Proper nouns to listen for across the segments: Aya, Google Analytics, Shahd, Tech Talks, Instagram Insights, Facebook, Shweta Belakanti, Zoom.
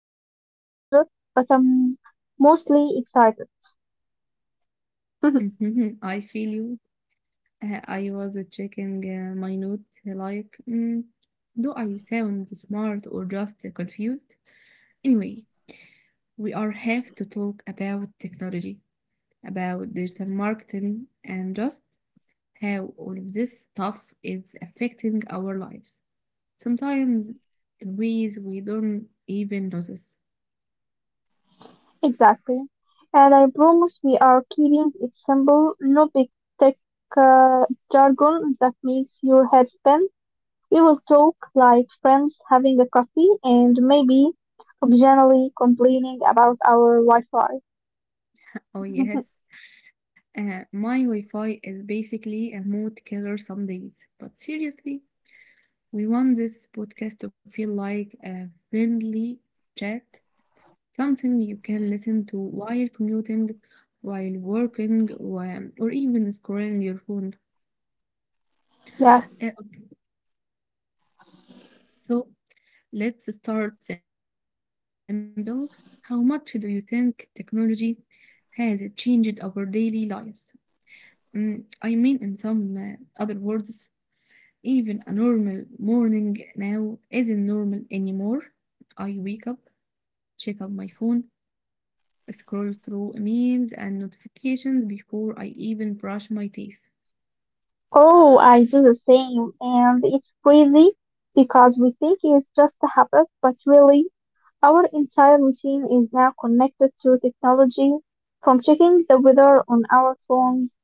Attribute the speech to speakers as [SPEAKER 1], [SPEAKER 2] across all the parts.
[SPEAKER 1] our first episode, but I'm mostly excited.
[SPEAKER 2] Mhm, I feel you. I was checking my notes like, do I sound smart or just confused? Anyway, we are have to talk about technology, about digital marketing, and just how all of this stuff is affecting our lives. Sometimes in ways we don't even notice.
[SPEAKER 1] Exactly. And I promise we are keeping it simple, no big tech uh, jargon that makes your head spin. We will talk like friends having a coffee and maybe occasionally complaining about our Wi
[SPEAKER 2] Oh,
[SPEAKER 1] Fi.
[SPEAKER 2] yes. My Wi Fi is basically a mood killer some days. But seriously, we want this podcast to feel like a friendly chat, something you can listen to while commuting, while working, or even scrolling your phone.
[SPEAKER 1] Yeah.
[SPEAKER 2] Okay, so let's start simple. How much do you think technology has changed our daily lives? I mean, in some other words, even a normal morning now isn't normal anymore. I wake up, check out my phone, scroll through emails and notifications before I even brush my teeth.
[SPEAKER 1] Oh, I do the same, and it's crazy because we think it's just a habit, but really, our entire routine is now connected to technology, from checking the weather on our phones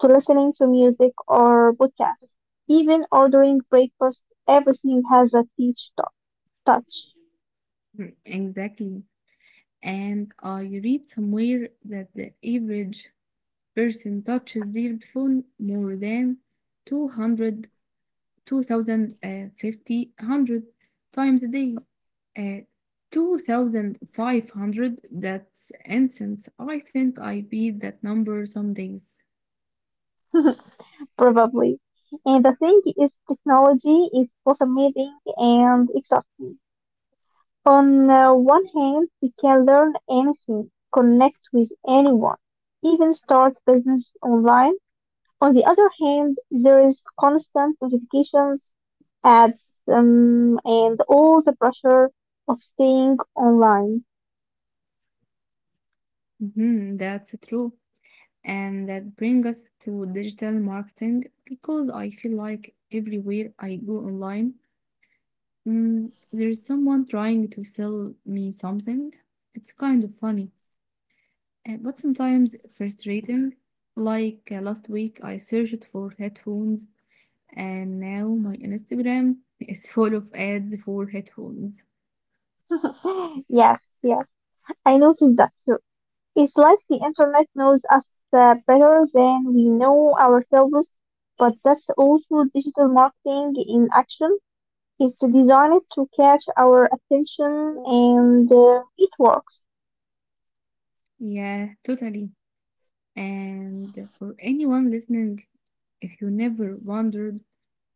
[SPEAKER 1] to listening to music or podcasts, even ordering breakfast. Everything has a touch.
[SPEAKER 2] Exactly. And I read somewhere that the average person touches their phone more than 200, times a day. Uh, 2500, that's incense. I think I beat that number some days.
[SPEAKER 1] Probably. And the thing is, technology is both amazing and exhausting. On one hand, we can learn anything, connect with anyone, even start business online. On the other hand, there is constant notifications, ads, and all the pressure of staying online.
[SPEAKER 2] Mhm, that's true. And that brings us to digital marketing because I feel like everywhere I go online, there's someone trying to sell me something. It's kind of funny. But sometimes frustrating. Like last week, I searched for headphones, and now my Instagram is full of ads for headphones.
[SPEAKER 1] Yes, I noticed that too. It's like the internet knows us better than we know ourselves, but that's also digital marketing in action. It's designed to catch our attention and it works.
[SPEAKER 2] Yeah, totally. And for anyone listening, if you never wondered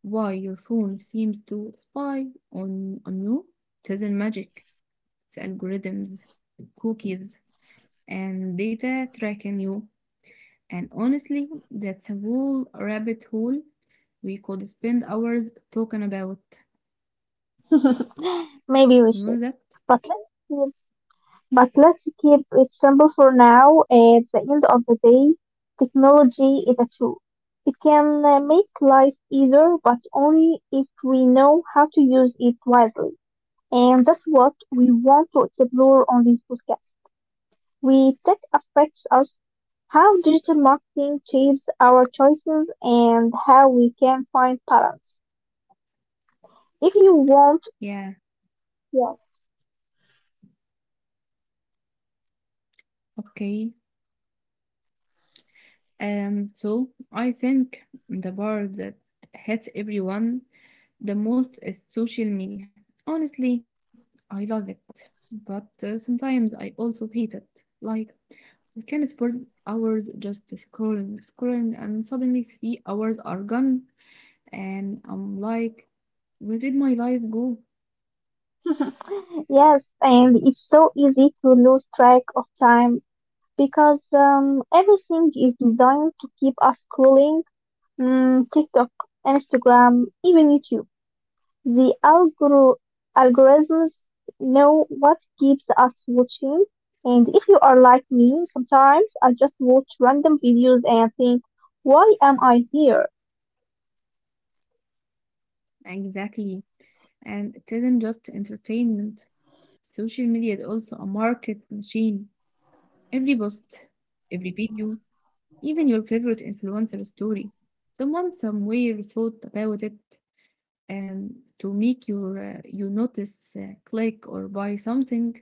[SPEAKER 2] why your phone seems to spy on you, it isn't magic, it's algorithms, cookies, and data tracking you. And honestly, that's a whole rabbit hole we could spend hours talking about.
[SPEAKER 1] Maybe we
[SPEAKER 2] You
[SPEAKER 1] should.
[SPEAKER 2] know that?
[SPEAKER 1] But let's keep, but let's keep it simple for now. At the end of the day, technology is a tool. It can make life easier, but only if we know how to use it wisely. And that's what we want to explore on this podcast. We Tech affects us, how digital marketing shapes our choices, and how we can find balance. If you want,
[SPEAKER 2] Yeah,
[SPEAKER 1] yes,
[SPEAKER 2] okay. So I think the part that hits everyone the most is social media. Honestly, I love it, but sometimes I also hate it. Like, we can spend hours just scrolling, and suddenly 3 hours are gone, and I'm like, where did my life go?
[SPEAKER 1] yes, and it's so easy to lose track of time because everything is designed to keep us scrolling. Mm, TikTok, Instagram, even YouTube. The algorithms know what keeps us watching, and if you are like me, sometimes I just watch random videos and think, why am I here?
[SPEAKER 2] Exactly. And it isn't just entertainment. Social media is also a market machine. Every post, every video, even your favorite influencer story. Someone somewhere thought about it and to make your you notice, click or buy something.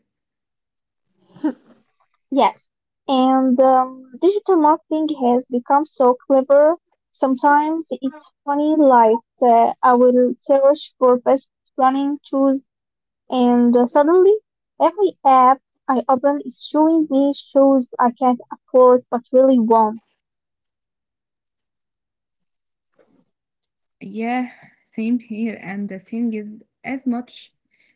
[SPEAKER 1] Yes, and digital marketing has become so clever. Sometimes it's funny, like I will search for best running shoes, and suddenly every app I open is showing me shoes I can't afford but really want.
[SPEAKER 2] Yeah, same here. And the thing is, as much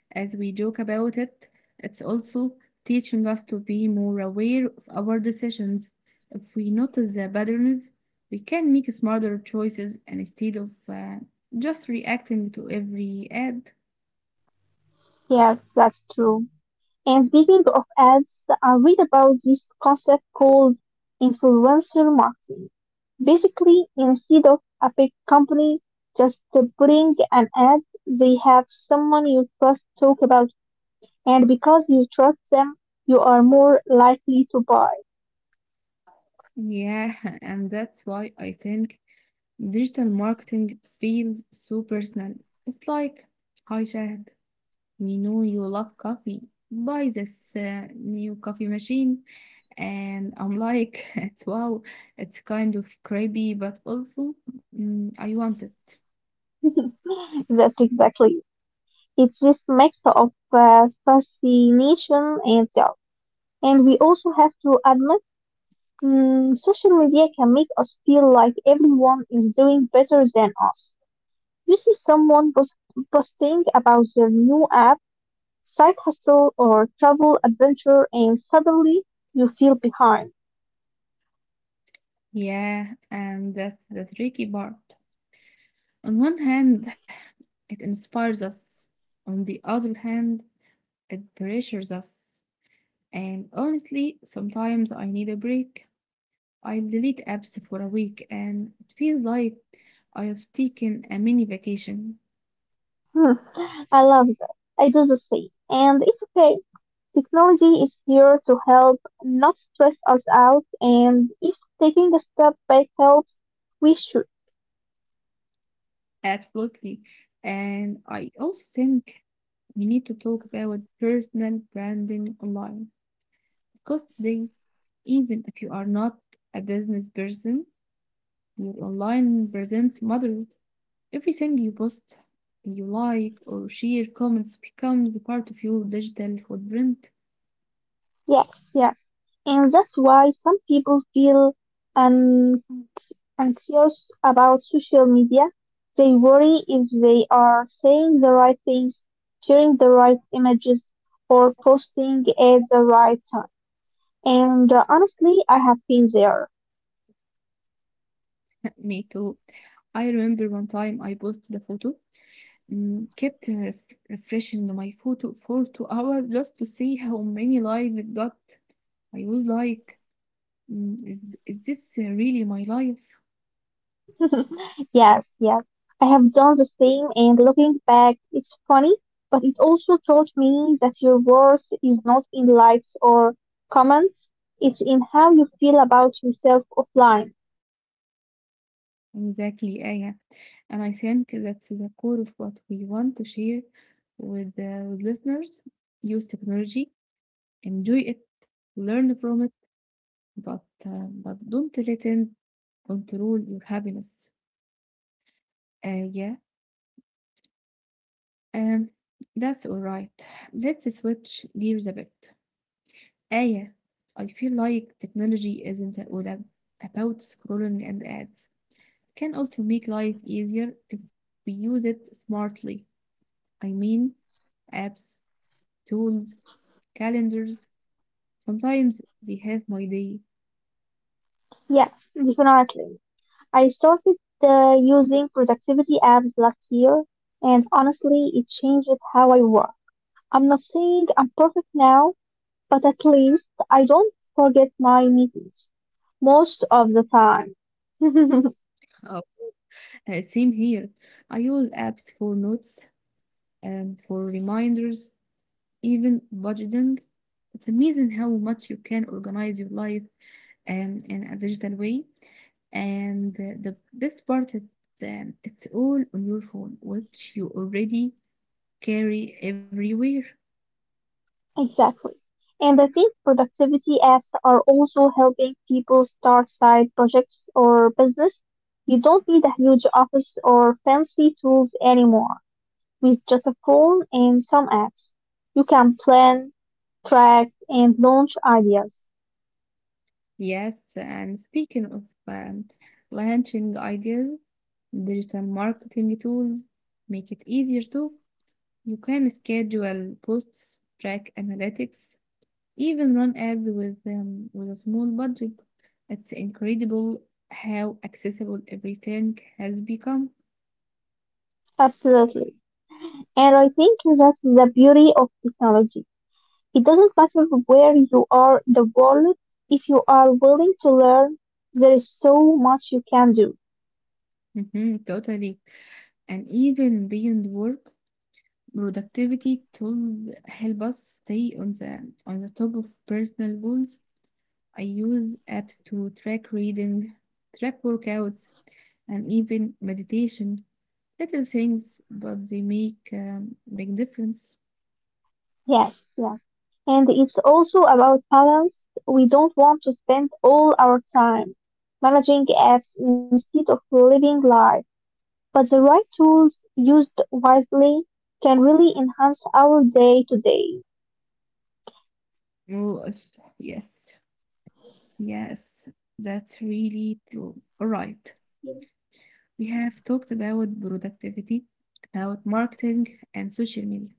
[SPEAKER 2] as we joke about it, it's also teaching us to be more aware of our decisions. If we notice the patterns, we can make smarter choices and instead of just reacting to every ad.
[SPEAKER 1] Yes, that's true. And speaking of ads, I read about this concept called influencer marketing. Basically, instead of a big company just putting an ad, they have someone you trust talk about, and because you trust them, you are more likely to buy.
[SPEAKER 2] Yeah, and that's why I think digital marketing feels so personal. It's like, hi, Shahad. You know you love coffee. Buy this new coffee machine. And I'm like, it's wow, it's kind of creepy, but also I want it.
[SPEAKER 1] That's exactly. It's this mix of fascination and doubt. And we also have to admit mm, social media can make us feel like everyone is doing better than us. You see posting about their new app, side hustle, or travel adventure, and suddenly you feel behind.
[SPEAKER 2] Yeah, and that's the tricky part. On one hand, it inspires us. On the other hand, it pressures us. And honestly, sometimes I need a break. I delete apps for a week and it feels like I have taken a mini vacation.
[SPEAKER 1] Hmm, I love that. I do the same. And it's okay. Technology is here to help, not stress us out. And if taking a step back helps, we should.
[SPEAKER 2] Absolutely. And I also think we need to talk about personal branding online because today, even if you are not a business person, your online presence matters. Everything you post, you like, or share comments becomes a part of your digital footprint.
[SPEAKER 1] Yes, yes. And that's why some people feel anxious about social media. They worry if they are saying the right things, sharing the right images, or posting at the right time. And honestly, I have been there.
[SPEAKER 2] Me too. I remember one time I posted a photo, Mm, kept ref refreshing my photo for 2 hours just to see how many likes it got. I was like, "Mm, is, is this really my life?
[SPEAKER 1] yes, yes. I have done the same, and looking back, it's funny, but it also taught me that your worth is not in likes or comments, it's in how you feel about yourself offline.
[SPEAKER 2] Exactly, Aya. And I think that's the core of what we want to share with listeners. Use technology, enjoy it, learn from it, but don't let it control your happiness. Uh, yeah, um, that's all right. Let's switch gears a bit. Aya, I feel like technology isn't a- about scrolling and ads. It can also make life easier if we use it smartly. I mean, apps, tools, calendars. Sometimes they have my day.
[SPEAKER 1] Yes, definitely. I started using productivity apps last year, and honestly, it changed how I work. I'm not saying I'm perfect now, but at least I don't forget my meetings most of the time.
[SPEAKER 2] Oh, Same here. I use apps for notes and for reminders, even budgeting. It's amazing how much you can organize your life in a digital way, and the best part is, it's all on your phone which you already carry everywhere.
[SPEAKER 1] Exactly. And I think productivity apps are also helping people start side projects or business. You don't need a huge office or fancy tools anymore. With just a phone and some apps, you can plan, track, and launch ideas.
[SPEAKER 2] Yes, and speaking of launching ideas, digital marketing tools make it easier too. You can schedule posts, track analytics, even run ads with a small budget. It's incredible how accessible everything has become.
[SPEAKER 1] Absolutely. And I think that's the beauty of technology. It doesn't matter where you are in the world, if you are willing to learn, there is so much you can do.
[SPEAKER 2] Mhm, totally. And even beyond work, productivity tools help us stay on the top of personal goals. I use apps to track reading, track workouts, and even meditation. Little things, but they make big difference.
[SPEAKER 1] Yes, yes. And it's also about balance. We don't want to spend all our time managing apps instead of living life. But the right tools, used wisely, can really enhance our day to day.
[SPEAKER 2] Oh, if- yes, yes, that's really true. All right. We have talked about productivity, about marketing and social media.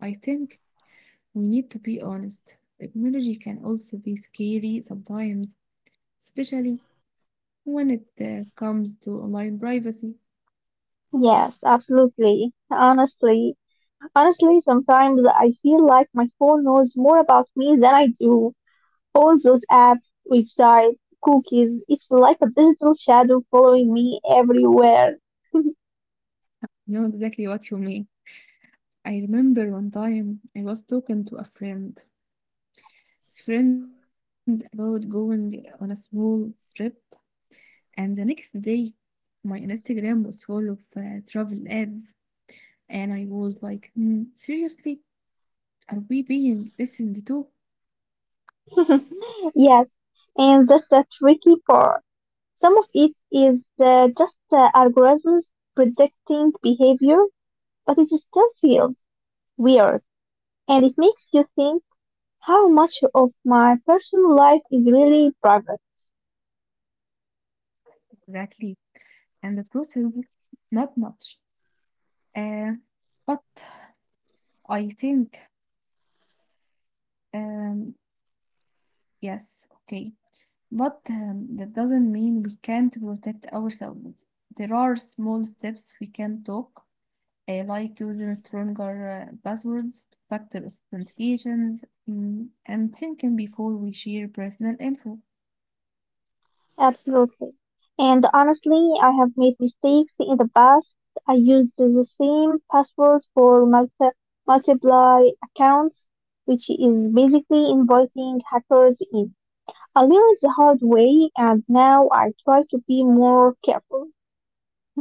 [SPEAKER 2] I think we need to be honest. Technology can also be scary sometimes, especially when it comes to online privacy.
[SPEAKER 1] Yes, absolutely. Honestly, sometimes I feel like my phone knows more about me than I do. All those apps, websites, cookies, it's like a digital shadow following me everywhere.
[SPEAKER 2] I know exactly what you mean. I remember one time I was talking to his friend about going on a small trip, and the next day my Instagram was full of travel ads, and I was like, hmm, seriously, are we being listened to?
[SPEAKER 1] Yes, and that's the tricky part. Some of it is just algorithms predicting behavior, but it still feels weird and it makes you think how much of my personal life is really private.
[SPEAKER 2] Exactly. And the truth is not much. Uh, but I think, um, yes, okay. But that doesn't mean we can't protect ourselves. There are small steps we can talk, like using stronger passwords, factor authentications, and thinking before we share personal info.
[SPEAKER 1] Absolutely. And honestly, I have made mistakes in the past. I used the same password for multiply accounts, which is basically inviting hackers in. I learned the hard way and now I try to be more careful.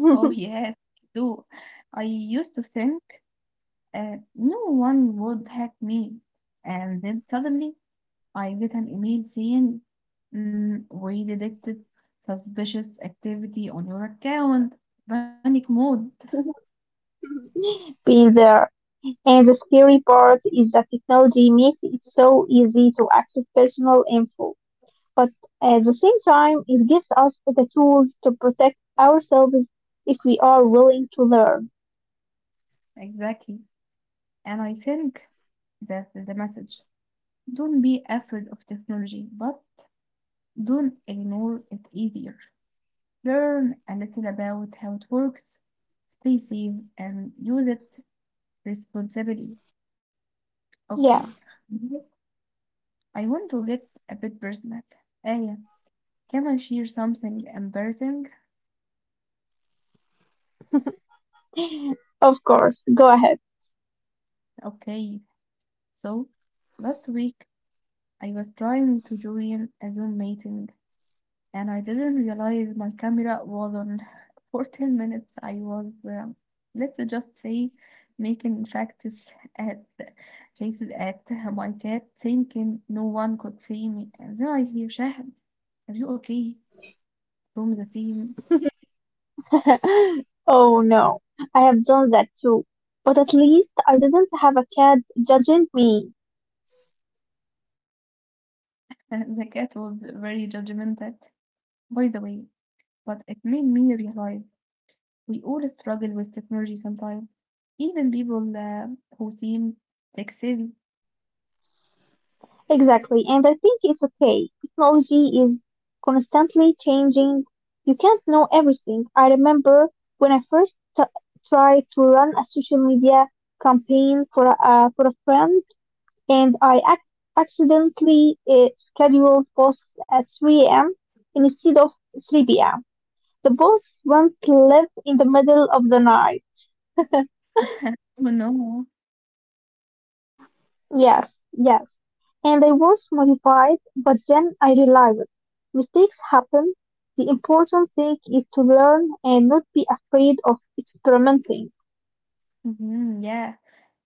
[SPEAKER 2] Oh, yes, I do. I used to think no one would hack me. And then suddenly I get an email saying, we detected suspicious activity on your account." Panic mode.
[SPEAKER 1] Been there. And the scary part is that technology makes it so easy to access personal info. But at the same time, it gives us the tools to protect ourselves if we are willing to learn.
[SPEAKER 2] Exactly. And I think that is the message. Don't be afraid of technology, but don't ignore it either. Learn a little about how it works, stay safe, and use it responsibly.
[SPEAKER 1] Yeah,
[SPEAKER 2] Okay. I want to get a bit personal. Aya, can I share something embarrassing?
[SPEAKER 1] of course. Go ahead.
[SPEAKER 2] Okay, so last week I was trying to join a Zoom meeting and I didn't realize my camera was on for 10 minutes. I was, let's just say, making at faces at my cat, thinking no one could see me. And then I hear, "Shahad, are you okay?" from the team.
[SPEAKER 1] oh no, I have done that too. But at least I didn't have a cat judging me.
[SPEAKER 2] And the cat was very judgmental, by the way, but it made me realize we all struggle with technology sometimes, even people who seem tech savvy.
[SPEAKER 1] Exactly, and I think it's okay. Technology is constantly changing. You can't know everything. I remember when I tried to run a social media campaign for for a friend, and I accidentally scheduled posts at 3 a.m. instead of 3 p.m. The posts went live in the middle of the night.
[SPEAKER 2] Oh no.
[SPEAKER 1] Yes, yes. And I was modified, but then I realized mistakes happen. The important thing is to learn and not be afraid of experimenting.
[SPEAKER 2] Mhm, yeah.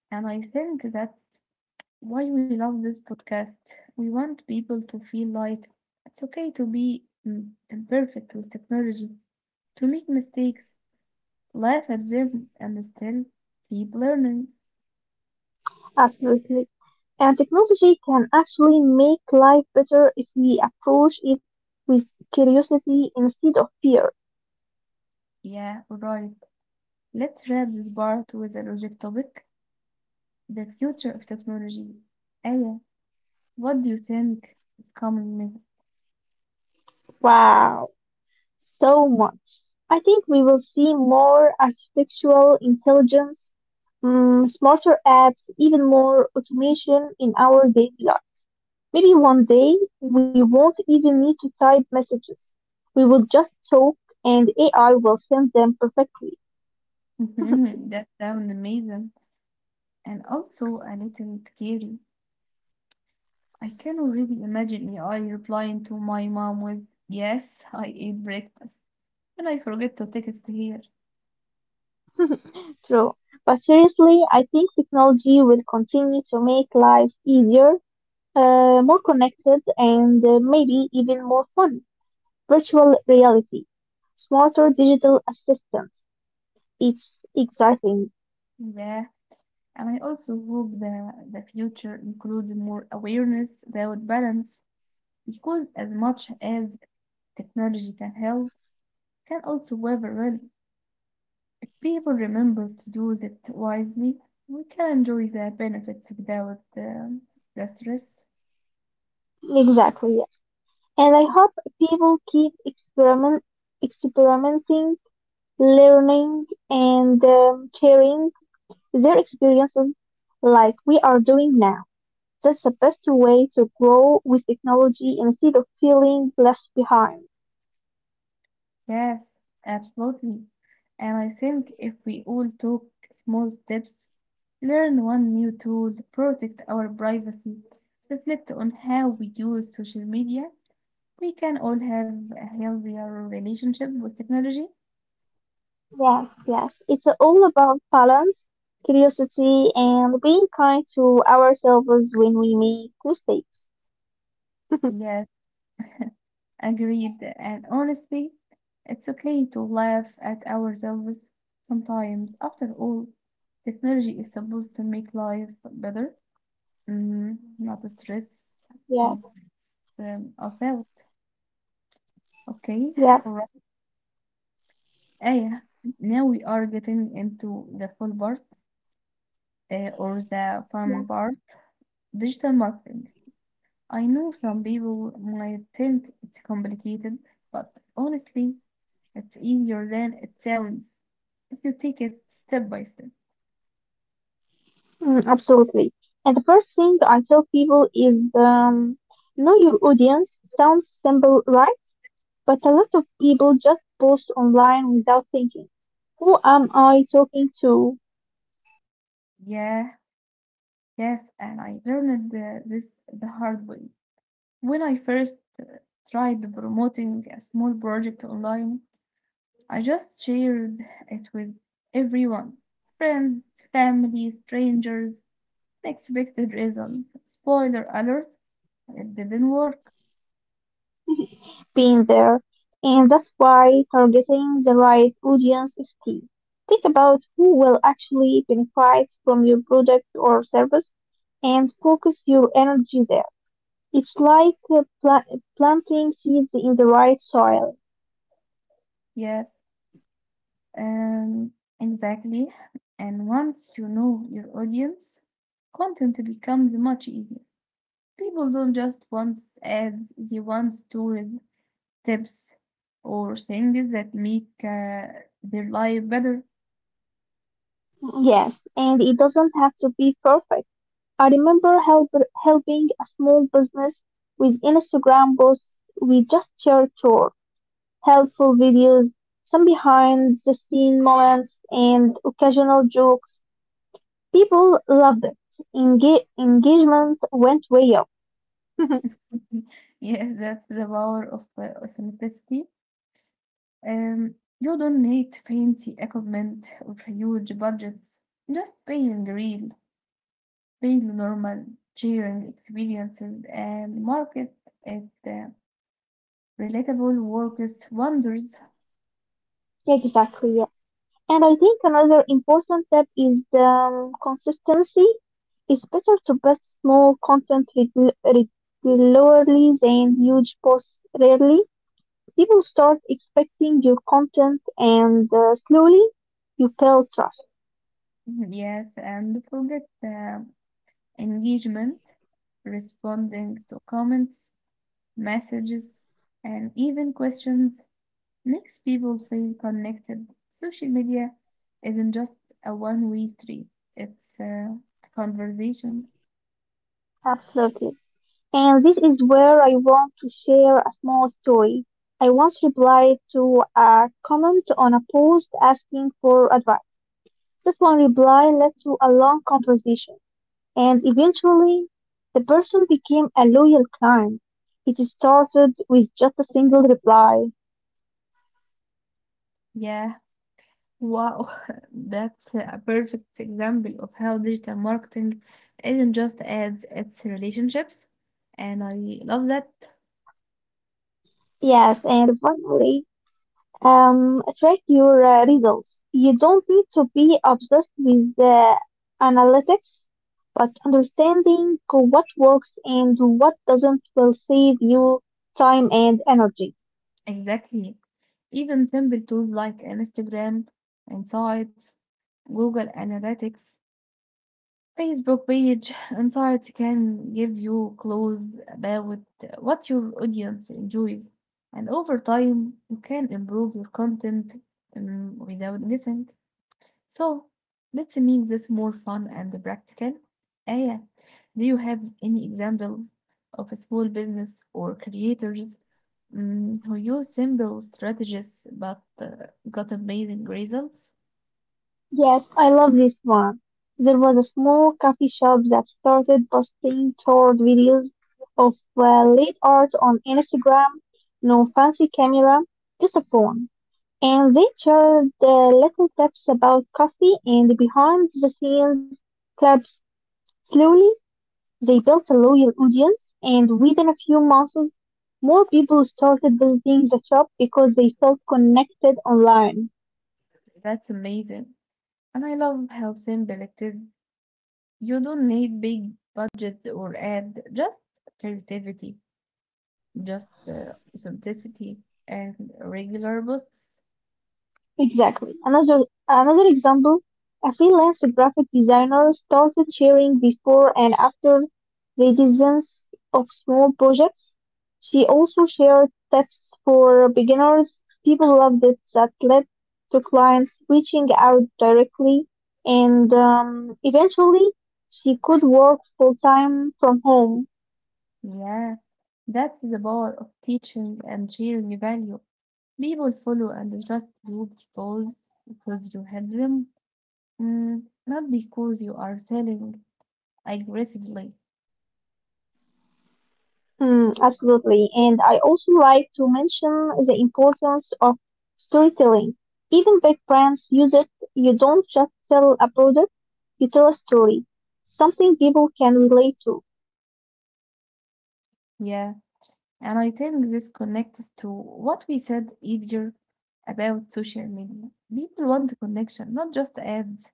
[SPEAKER 2] And I think that's why we love this podcast. We want people to feel like it's okay to be imperfect with technology, to make mistakes, laugh at them, and still keep learning.
[SPEAKER 1] Absolutely. And technology can actually make life better if we approach it with curiosity instead of fear.
[SPEAKER 2] Yeah, right. Let's wrap this part with a logic topic. The future of technology. Aya, what do you think is coming next?
[SPEAKER 1] Wow, so much. I think we will see more artificial intelligence, mm, smarter apps, even more automation in our daily life. Maybe one day we won't even need to type messages. We will just talk and AI will send them perfectly.
[SPEAKER 2] That sounds amazing and also a little scary. I can already imagine AI replying to my mom with, "Yes, I ate breakfast," and I forget to text here.
[SPEAKER 1] True. But seriously, I think technology will continue to make life easier, more connected, and maybe even more fun. Virtual reality, smarter digital assistants. It's exciting.
[SPEAKER 2] Yeah, and I also hope that the future includes more awareness about balance because as much as technology can help, can also have a well. If people remember to use it wisely, we can enjoy the benefits without the stress.
[SPEAKER 1] Exactly, yes. And I hope people keep experimenting learning and sharing their experiences like we are doing now. That's the best way to grow with technology instead of feeling left behind.
[SPEAKER 2] Yes, absolutely. And I think if we all took small steps, learn one new tool, protect our privacy, reflect on how we use social media, we can all have a healthier relationship with technology.
[SPEAKER 1] Yes, yes. It's all about balance, curiosity, and being kind to ourselves when we make mistakes.
[SPEAKER 2] Yes, agreed. And honestly, it's okay to laugh at ourselves sometimes. After all, technology is supposed to make life better, not stress,
[SPEAKER 1] yeah,
[SPEAKER 2] not stress us out. Okay,
[SPEAKER 1] yeah,
[SPEAKER 2] all right. Aya, now we are getting into the
[SPEAKER 1] yeah.
[SPEAKER 2] fun part, digital marketing. I know some people might think it's complicated, but honestly, it's easier than it sounds if you take it step by step.
[SPEAKER 1] Mm, absolutely. And the first thing I tell people is know your audience. Sounds simple, right? But a lot of people just post online without thinking, who am I talking to?
[SPEAKER 2] Yeah, yes, and I learned this the hard way. When I first tried promoting a small project online, I just shared it with everyone, friends, family, strangers, unexpected result: spoiler alert, it didn't work.
[SPEAKER 1] Being there. And that's why targeting the right audience is key. Think about who will actually benefit from your product or service and focus your energy there. It's like planting seeds in the right soil.
[SPEAKER 2] Yes, Um, exactly. And once you know your audience, content becomes much easier. People don't just want ads, they want stories, tips, or things that make their life better.
[SPEAKER 1] Yes, and it doesn't have to be perfect. I remember help, helping a small business with Instagram posts. We just shared tour, helpful videos, some behind the scene moments, and occasional jokes. People loved it. Engagement went way up.
[SPEAKER 2] Yeah, that's the power of authenticity. Um, you don't need fancy equipment or huge budgets, just being real, being normal, sharing experiences, and market it. Relatable works wonders.
[SPEAKER 1] exactly, yes. And I think another important step is consistency. It's better to post small content regularly than huge posts rarely. People start expecting your content and slowly you build trust.
[SPEAKER 2] Yes, and forget engagement, responding to comments, messages, and even questions makes people feel connected. Social media isn't just a one way street, it's a conversation.
[SPEAKER 1] Absolutely. And this is where I want to share a small story. I once replied to a comment on a post asking for advice. That one reply led to a long conversation, and eventually the person became a loyal client. It started with just a single reply.
[SPEAKER 2] Yeah, wow, that's a perfect example of how digital marketing isn't just ads, it's relationships. And I love that.
[SPEAKER 1] Yes, and finally track your results. You don't need to be obsessed with the analytics, but understanding what works and what doesn't will save you time and energy.
[SPEAKER 2] Exactly. Even simple tools like Instagram Insights, Google Analytics, Facebook page Insights can give you clues about what your audience enjoys, and over time you can improve your content without guessing. So let's make this more fun and practical. Aya, do you have any examples of a small business or creators who use simple strategies but got amazing results?
[SPEAKER 1] Yes, I love this one. There was a small coffee shop that started posting toward videos of late art on Instagram. No fancy camera, just a phone. And they shared little tips about coffee and behind-the-scenes clubs. Slowly, they built a loyal audience, and within a few months, more people started visiting the shop because they felt connected online.
[SPEAKER 2] That's amazing. And I love how simple it is. You don't need big budgets or ad, just creativity, just simplicity and regular posts.
[SPEAKER 1] Exactly. Another example, a freelance graphic designer started sharing before and after the designs of small projects. She also shared tips for beginners. People loved it that led to clients reaching out directly and eventually she could work full time from home.
[SPEAKER 2] Yeah, that's the power of teaching and sharing value. People follow and trust you because you help them, mm, not because you are selling aggressively.
[SPEAKER 1] Mm, absolutely. And I also like to mention the importance of storytelling. Even big brands use it. You don't just sell a product, you tell a story, something people can relate to.
[SPEAKER 2] Yeah, and I think this connects to what we said earlier about social media. People want connection, not just ads.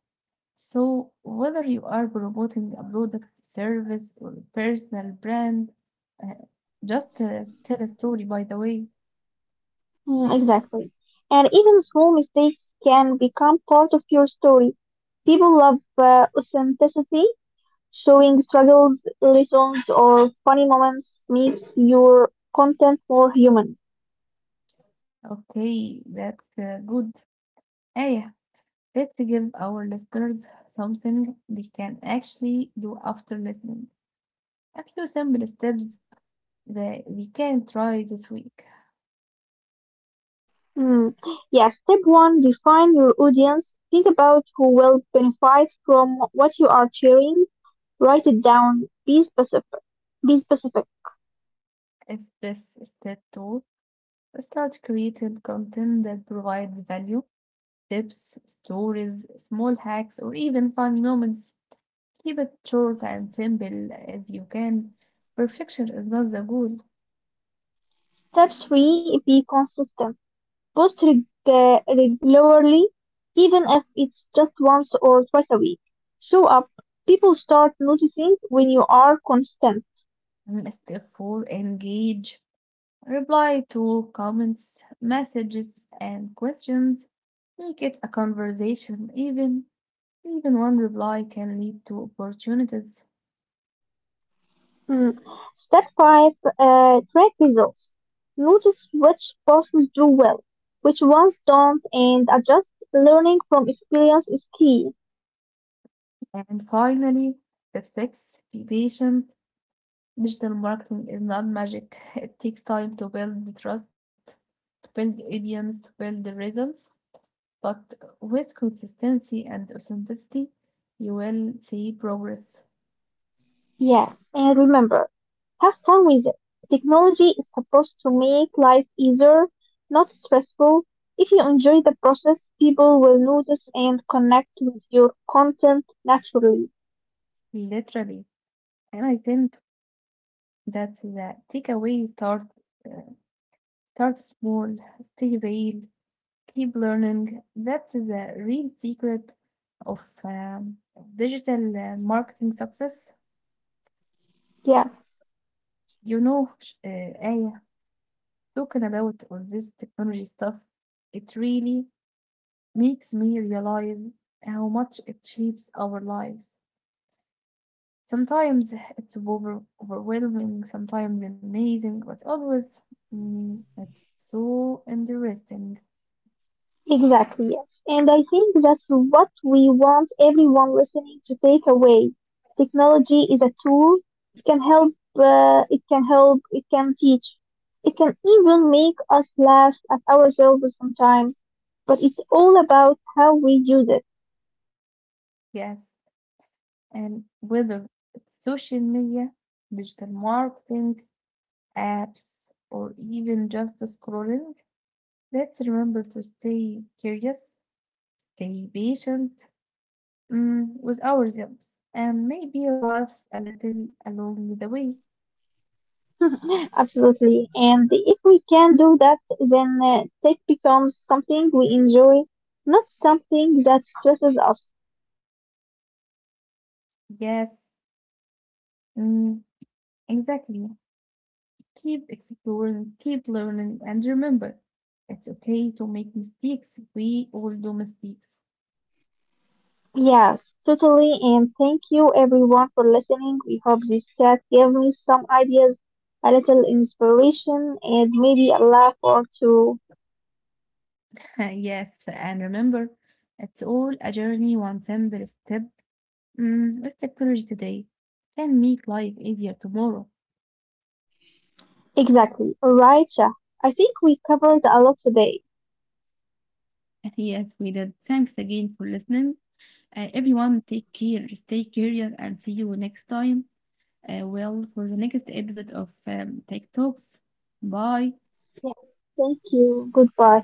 [SPEAKER 2] So, whether you are promoting a product, service, or a personal brand, uh, just tell a story, by the way.
[SPEAKER 1] Mm, exactly. And even small mistakes can become part of your story. People love authenticity, showing struggles, lessons, or funny moments makes your content more human.
[SPEAKER 2] Okay, that's good. Aya, let's give our listeners something they can actually do after listening. A few simple steps that we can try this week.
[SPEAKER 1] Mm. Yes, step one, define your audience. Think about who will benefit from what you are sharing. Write it down. Be specific.
[SPEAKER 2] As this step two, start creating content that provides value, tips, stories, small hacks, or even funny moments. Keep it short and simple as you can. Perfection is not the goal.
[SPEAKER 1] Step three, be consistent. Post regularly, even if it's just once or twice a week. Show up. People start noticing when you are consistent.
[SPEAKER 2] Step 4, engage. Reply to comments, messages, and questions. Make it a conversation. Even one reply can lead to opportunities.
[SPEAKER 1] Mm. Step five, track results. Notice which courses do well, which ones don't, and adjust. Learning from experience is key.
[SPEAKER 2] And finally, step 6, be patient. Digital marketing is not magic. It takes time to build the trust, to build the audience, to build the results. But with consistency and authenticity, you will see progress,
[SPEAKER 1] Yes, and remember, have fun with it. Technology is supposed to make life easier, not stressful. If you enjoy the process, people will notice and connect with your content naturally.
[SPEAKER 2] literally. And I think that's the takeaway. Uh, Start small, stay real, keep learning. That's the real secret of digital marketing success.
[SPEAKER 1] Yes.
[SPEAKER 2] You know, Aya, talking about all this technology stuff, it really makes me realize how much it shapes our lives. Sometimes it's overwhelming, sometimes amazing, but always it's so interesting.
[SPEAKER 1] Exactly, yes. And I think that's what we want everyone listening to take away. Technology is a tool. It can help, it can teach. It can even make us laugh at ourselves sometimes. But it's all about how we use it.
[SPEAKER 2] Yes, and whether it's social media, digital marketing, apps, or even just scrolling, let's remember to stay curious, stay patient, with ourselves, and maybe laugh a little along the way.
[SPEAKER 1] Absolutely. And if we can do that, then tech becomes something we enjoy, not something that stresses us.
[SPEAKER 2] Yes, mm, exactly. Keep exploring, keep learning, and remember, it's okay to make mistakes. We all do mistakes.
[SPEAKER 1] Yes, totally. And thank you everyone for listening. We hope this chat gave me some ideas, a little inspiration, and maybe a laugh or two.
[SPEAKER 2] Yes, and remember, it's all a journey, one simple step. With technology today can make life easier tomorrow.
[SPEAKER 1] Exactly. All right, yeah. I think we covered a lot today.
[SPEAKER 2] Yes, we did. Thanks again for listening. Everyone, take care, stay curious, and see you next time. For the next episode of Tech Talks. Bye.
[SPEAKER 1] Yes. Thank you. Goodbye.